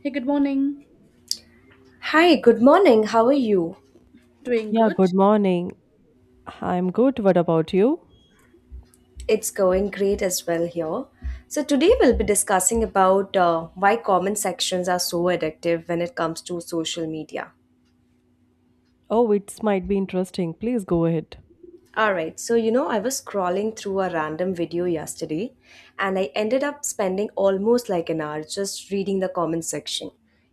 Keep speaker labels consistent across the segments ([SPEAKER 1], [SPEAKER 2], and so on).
[SPEAKER 1] Hey, good morning.
[SPEAKER 2] Hi, good morning. How are you?
[SPEAKER 1] Doing
[SPEAKER 3] Yeah,
[SPEAKER 1] good?
[SPEAKER 3] good morning. I'm good. What about you?
[SPEAKER 2] It's going great as well here. So today we'll be discussing about why comment sections are so addictive when it comes to social media.
[SPEAKER 3] Oh, it might be interesting. Please go ahead.
[SPEAKER 2] All right, so you know, I was scrolling through a random video yesterday, and I ended up spending almost like an hour just reading the comment section.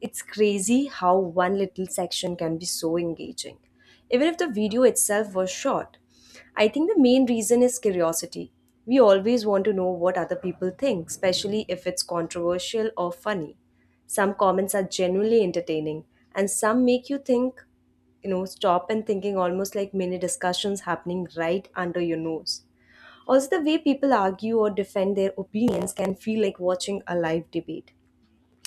[SPEAKER 2] It's crazy how one little section can be so engaging, even if the video itself was short. I think the main reason is curiosity. We always want to know what other people think, especially if it's controversial or funny. Some comments are genuinely entertaining, and some make you think, you know, stop and thinking, almost like mini discussions happening right under your nose. Also, the way people argue or defend their opinions can feel like watching a live debate,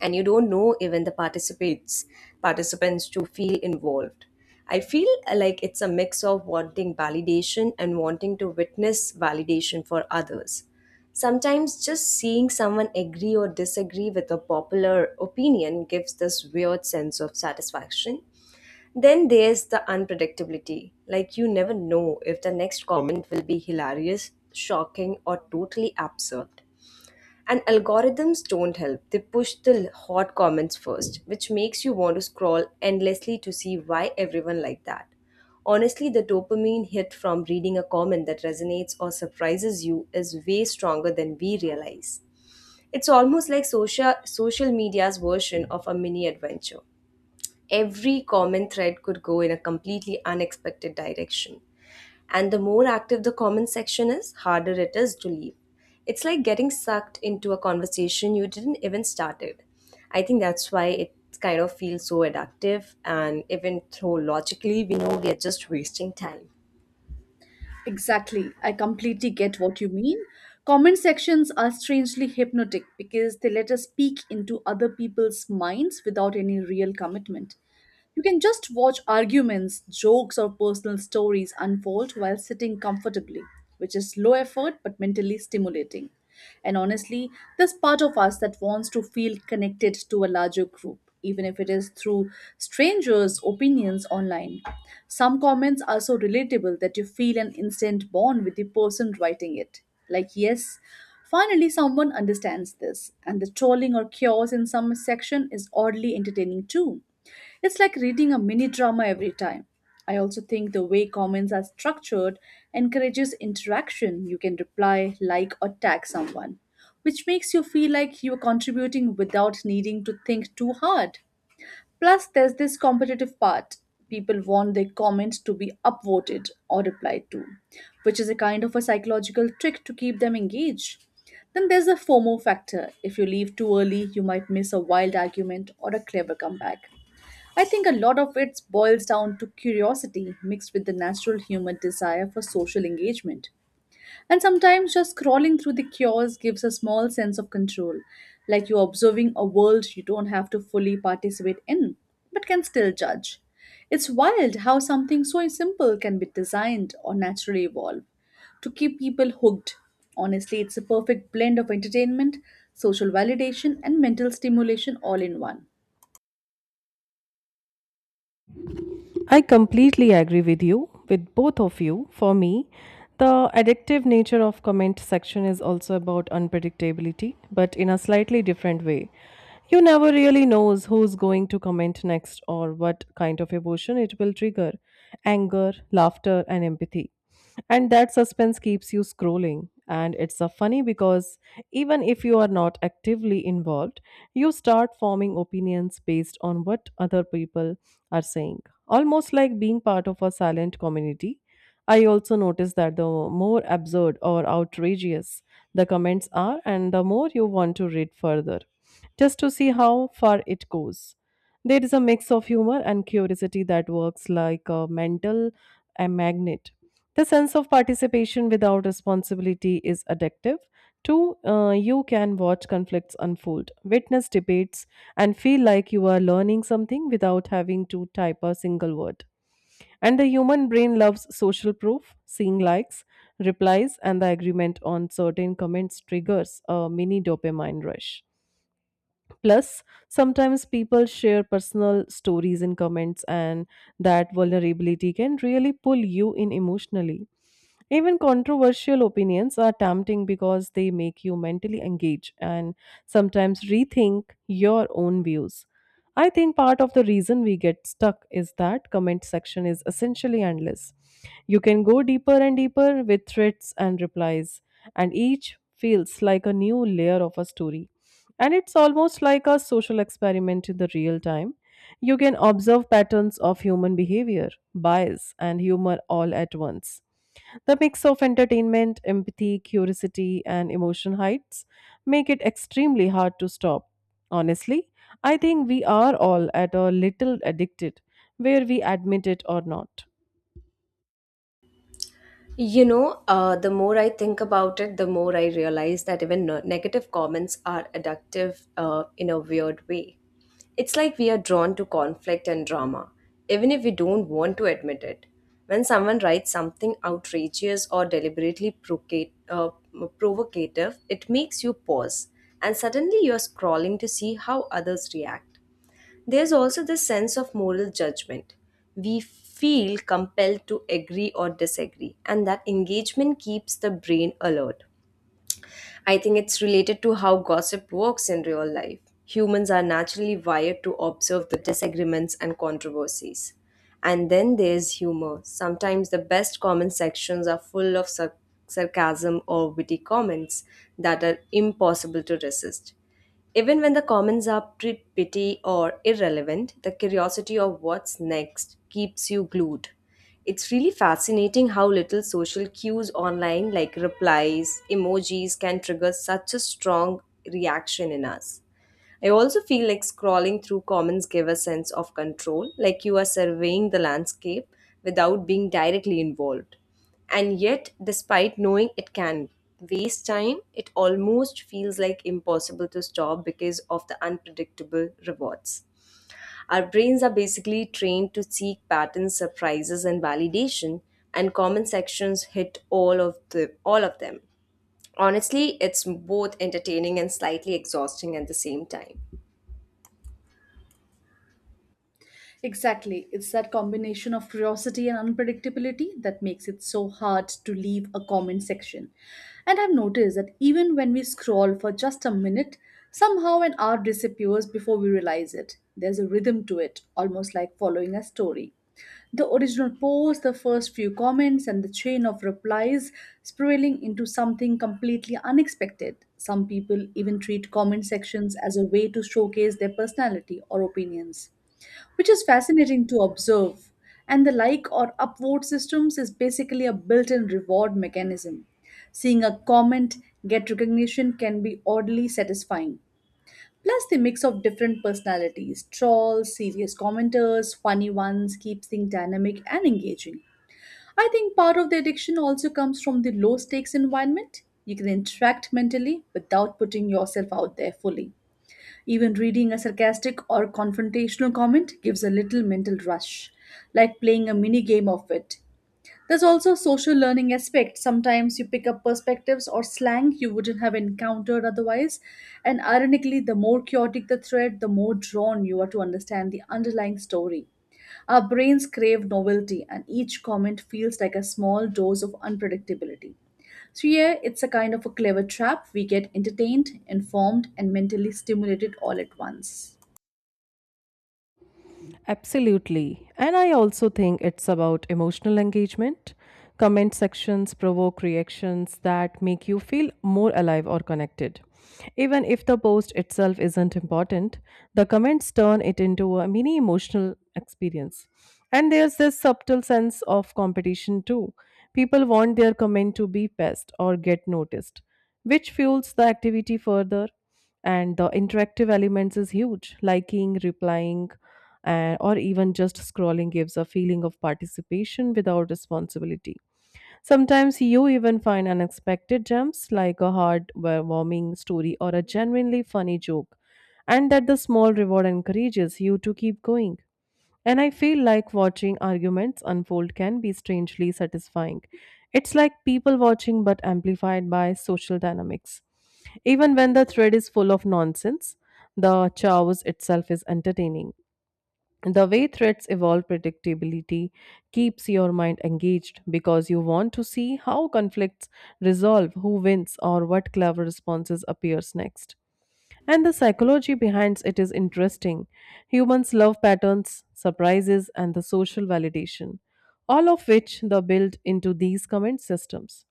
[SPEAKER 2] and you don't know even the participants to feel involved. I feel like it's a mix of wanting validation and wanting to witness validation for others. Sometimes just seeing someone agree or disagree with a popular opinion gives this weird sense of satisfaction. Then there's the unpredictability. Like, you never know if the next comment will be hilarious, shocking, or totally absurd. And algorithms don't help. They push the hot comments first, which makes you want to scroll endlessly to see why everyone liked that. Honestly, the dopamine hit from reading a comment that resonates or surprises you is way stronger than we realize. It's almost like social media's version of a mini adventure. Every common thread could go in a completely unexpected direction. And the more active the comment section is, harder it is to leave. It's like getting sucked into a conversation you didn't even started. I think that's why it kind of feels so addictive, and even though logically we know we are just wasting time.
[SPEAKER 1] Exactly. I completely get what you mean. Comment sections are strangely hypnotic because they let us peek into other people's minds without any real commitment. You can just watch arguments, jokes, or personal stories unfold while sitting comfortably, which is low effort but mentally stimulating. And honestly, there's part of us that wants to feel connected to a larger group, even if it is through strangers' opinions online. Some comments are so relatable that you feel an instant bond with the person writing it. Like, yes, finally someone understands this, and the trolling or chaos in some section is oddly entertaining too. It's like reading a mini drama every time. I also think the way comments are structured encourages interaction. You can reply, like, or tag someone, which makes you feel like you're contributing without needing to think too hard. Plus, there's this competitive part. People want their comments to be upvoted or replied to, which is a kind of a psychological trick to keep them engaged. Then there's the FOMO factor. If you leave too early, you might miss a wild argument or a clever comeback. I think a lot of it boils down to curiosity mixed with the natural human desire for social engagement. And sometimes just scrolling through the cures gives a small sense of control, like you're observing a world you don't have to fully participate in, but can still judge. It's wild how something so simple can be designed or naturally evolve to keep people hooked. Honestly, it's a perfect blend of entertainment, social validation, and mental stimulation all in one.
[SPEAKER 3] I completely agree with you, with both of you. For me, the addictive nature of comment section is also about unpredictability, but in a slightly different way. You never really knows who's going to comment next or what kind of emotion it will trigger: anger, laughter, and empathy. And that suspense keeps you scrolling. And it's a funny because even if you are not actively involved, you start forming opinions based on what other people are saying. Almost like being part of a silent community. I also noticed that the more absurd or outrageous the comments are, and the more you want to read further, just to see how far it goes. There is a mix of humor and curiosity that works like a magnet. The sense of participation without responsibility is addictive. Two, you can watch conflicts unfold, witness debates, and feel like you are learning something without having to type a single word. And the human brain loves social proof, seeing likes, replies, and the agreement on certain comments triggers a mini dopamine rush. Plus, sometimes people share personal stories in comments, and that vulnerability can really pull you in emotionally. Even controversial opinions are tempting because they make you mentally engage and sometimes rethink your own views. I think part of the reason we get stuck is that comment section is essentially endless. You can go deeper and deeper with threads and replies, and each feels like a new layer of a story. And it's almost like a social experiment in the real time. You can observe patterns of human behavior, bias, and humor all at once. The mix of entertainment, empathy, curiosity, and emotion heights make it extremely hard to stop. Honestly, I think we are all at a little addicted, where we admit it or not.
[SPEAKER 2] You know, the more I think about it, the more I realize that even negative comments are addictive in a weird way. It's like we are drawn to conflict and drama, even if we don't want to admit it. When someone writes something outrageous or deliberately provocative, it makes you pause, and suddenly you're scrolling to see how others react. There's also the sense of moral judgment. We feel compelled to agree or disagree, and that engagement keeps the brain alert. I think it's related to how gossip works in real life. Humans are naturally wired to observe the disagreements and controversies. And then there's humor. Sometimes the best comment sections are full of sarcasm or witty comments that are impossible to resist. Even when the comments are petty or irrelevant, the curiosity of what's next keeps you glued. It's really fascinating how little social cues online, like replies, emojis, can trigger such a strong reaction in us. I also feel like scrolling through comments give a sense of control, like you are surveying the landscape without being directly involved. And yet, despite knowing it can waste time, it almost feels like impossible to stop because of the unpredictable rewards. Our brains are basically trained to seek patterns, surprises, and validation, and comment sections hit all of them. Honestly, it's both entertaining and slightly exhausting at the same time.
[SPEAKER 1] Exactly. It's that combination of curiosity and unpredictability that makes it so hard to leave a comment section. And I've noticed that even when we scroll for just a minute, somehow an hour disappears before we realize it. There's a rhythm to it, almost like following a story. The original post, the first few comments, and the chain of replies spiraling into something completely unexpected. Some people even treat comment sections as a way to showcase their personality or opinions, which is fascinating to observe. And the like or upvote systems is basically a built in reward mechanism. Seeing a comment get recognition can be oddly satisfying. Plus, the mix of different personalities trolls, serious commenters, funny ones keeps things dynamic and engaging. I think part of the addiction also comes from the low stakes environment. You can interact mentally without putting yourself out there fully. Even reading a sarcastic or confrontational comment gives a little mental rush, like playing a mini game of it. There's also a social learning aspect. Sometimes you pick up perspectives or slang you wouldn't have encountered otherwise. And ironically, the more chaotic the thread, the more drawn you are to understand the underlying story. Our brains crave novelty, and each comment feels like a small dose of unpredictability. So, yeah, it's a kind of a clever trap. We get entertained, informed, and mentally stimulated all at once.
[SPEAKER 3] Absolutely. And I also think it's about emotional engagement. Comment sections provoke reactions that make you feel more alive or connected. Even if the post itself isn't important, the comments turn it into a mini emotional experience. And there's this subtle sense of competition too. People want their comment to be passed or get noticed, which fuels the activity further. And the interactive elements is huge: liking, replying, and or even just scrolling gives a feeling of participation without responsibility. Sometimes you even find unexpected gems like a heartwarming story or a genuinely funny joke, and that the small reward encourages you to keep going. And I feel like watching arguments unfold can be strangely satisfying. It's like people watching but amplified by social dynamics. Even when the thread is full of nonsense, the chaos itself is entertaining. The way threats evolve predictability keeps your mind engaged because you want to see how conflicts resolve, who wins, or what clever responses appears next. And the psychology behind it is interesting. Humans love patterns, surprises, and the social validation, all of which they build into these comment systems.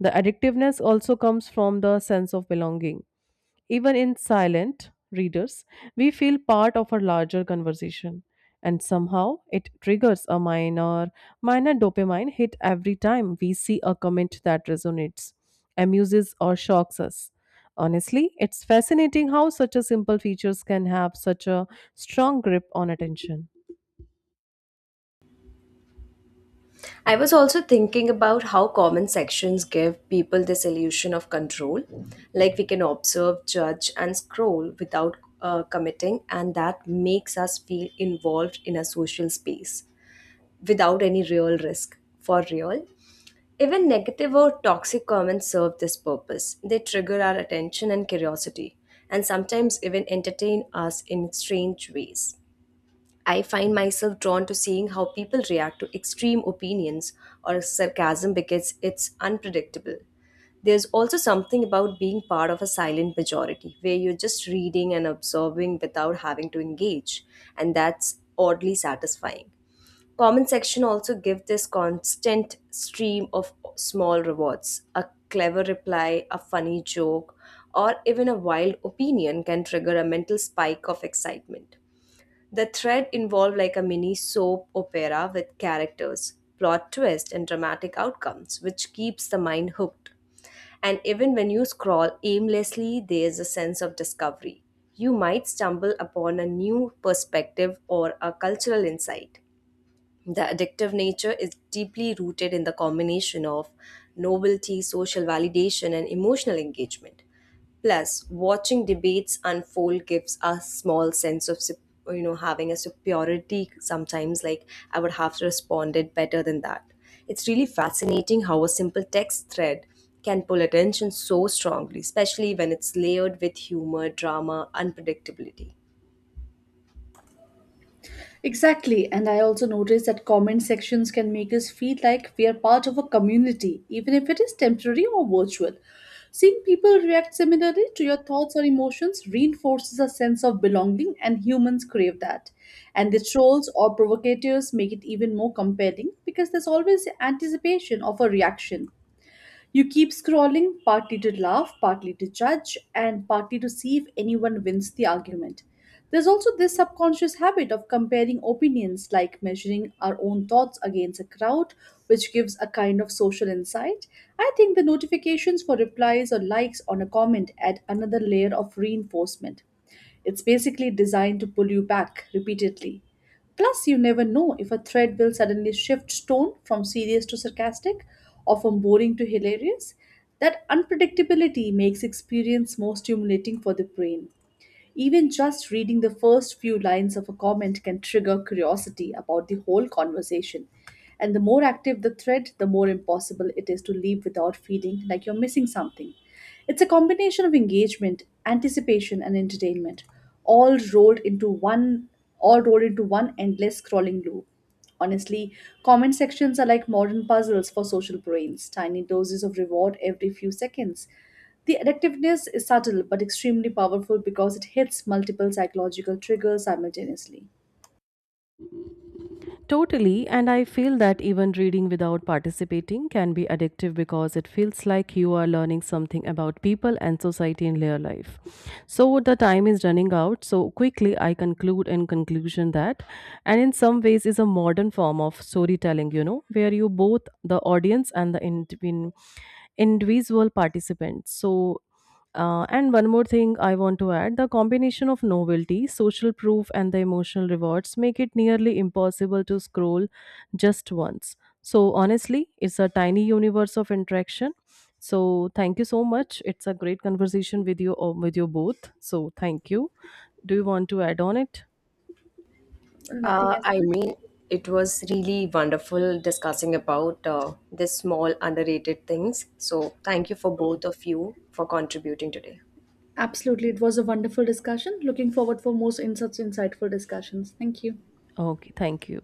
[SPEAKER 3] The addictiveness also comes from the sense of belonging. Even in silent readers, we feel part of a larger conversation. And somehow it triggers a minor dopamine hit every time we see a comment that resonates, amuses, or shocks us. Honestly, it's fascinating how such a simple features can have such a strong grip on attention.
[SPEAKER 2] I was also thinking about how comment sections give people this illusion of control. Like we can observe, judge, and scroll without committing, and that makes us feel involved in a social space without any real risk. For real, even negative or toxic comments serve this purpose. They trigger our attention and curiosity, and sometimes even entertain us in strange ways. I find myself drawn to seeing how people react to extreme opinions or sarcasm because it's unpredictable. There's also something about being part of a silent majority where you're just reading and absorbing without having to engage, and that's oddly satisfying. Comment section also give this constant stream of small rewards. A clever reply, a funny joke, or even a wild opinion can trigger a mental spike of excitement. The thread involved like a mini soap opera with characters, plot twists, and dramatic outcomes, which keeps the mind hooked. And even when you scroll aimlessly, there is a sense of discovery. You might stumble upon a new perspective or a cultural insight. The addictive nature is deeply rooted in the combination of novelty, social validation, and emotional engagement. Plus, watching debates unfold gives a small sense of, having a superiority sometimes, like I would have responded better than that. It's really fascinating how a simple text thread can pull attention so strongly, especially when it's layered with humor, drama, unpredictability.
[SPEAKER 1] Exactly, and I also noticed that comment sections can make us feel like we are part of a community, even if it is temporary or virtual. Seeing people react similarly to your thoughts or emotions reinforces a sense of belonging, and humans crave that. And the trolls or provocateurs make it even more compelling because there's always anticipation of a reaction. You keep scrolling, partly to laugh, partly to judge, and partly to see if anyone wins the argument. There's also this subconscious habit of comparing opinions, like measuring our own thoughts against a crowd, which gives a kind of social insight. I think the notifications for replies or likes on a comment add another layer of reinforcement. It's basically designed to pull you back repeatedly. Plus, you never know if a thread will suddenly shift tone from serious to sarcastic or from boring to hilarious. That unpredictability makes experience more stimulating for the brain. Even just reading the first few lines of a comment can trigger curiosity about the whole conversation. And the more active the thread, the more impossible it is to leave without feeling like you're missing something. It's a combination of engagement, anticipation, and entertainment, all rolled into one all rolled into one endless scrolling loop. Honestly, comment sections are like modern puzzles for social brains, tiny doses of reward every few seconds. The addictiveness is subtle but extremely powerful because it hits multiple psychological triggers simultaneously.
[SPEAKER 3] Totally, and I feel that even reading without participating can be addictive because it feels like you are learning something about people and society in their life. So the time is running out, so quickly I conclude in conclusion that, and in some ways, is a modern form of storytelling, you know, where you both the audience and the individual participants. So and one more thing I want to add the combination of novelty, social proof, and the emotional rewards make it nearly impossible to scroll just once. So, honestly, it's a tiny universe of interaction. So, thank you so much. It's a great conversation with you both. So, thank you. Do you want to add on it?
[SPEAKER 1] Nothing
[SPEAKER 2] Uh,
[SPEAKER 1] as
[SPEAKER 2] I mean,
[SPEAKER 1] such.
[SPEAKER 2] it was really wonderful discussing about this small underrated things. So, thank you for both of you for contributing today.
[SPEAKER 1] Absolutely, it was a wonderful discussion. Looking forward for more in such insightful discussions. Thank you.
[SPEAKER 3] Okay, thank you.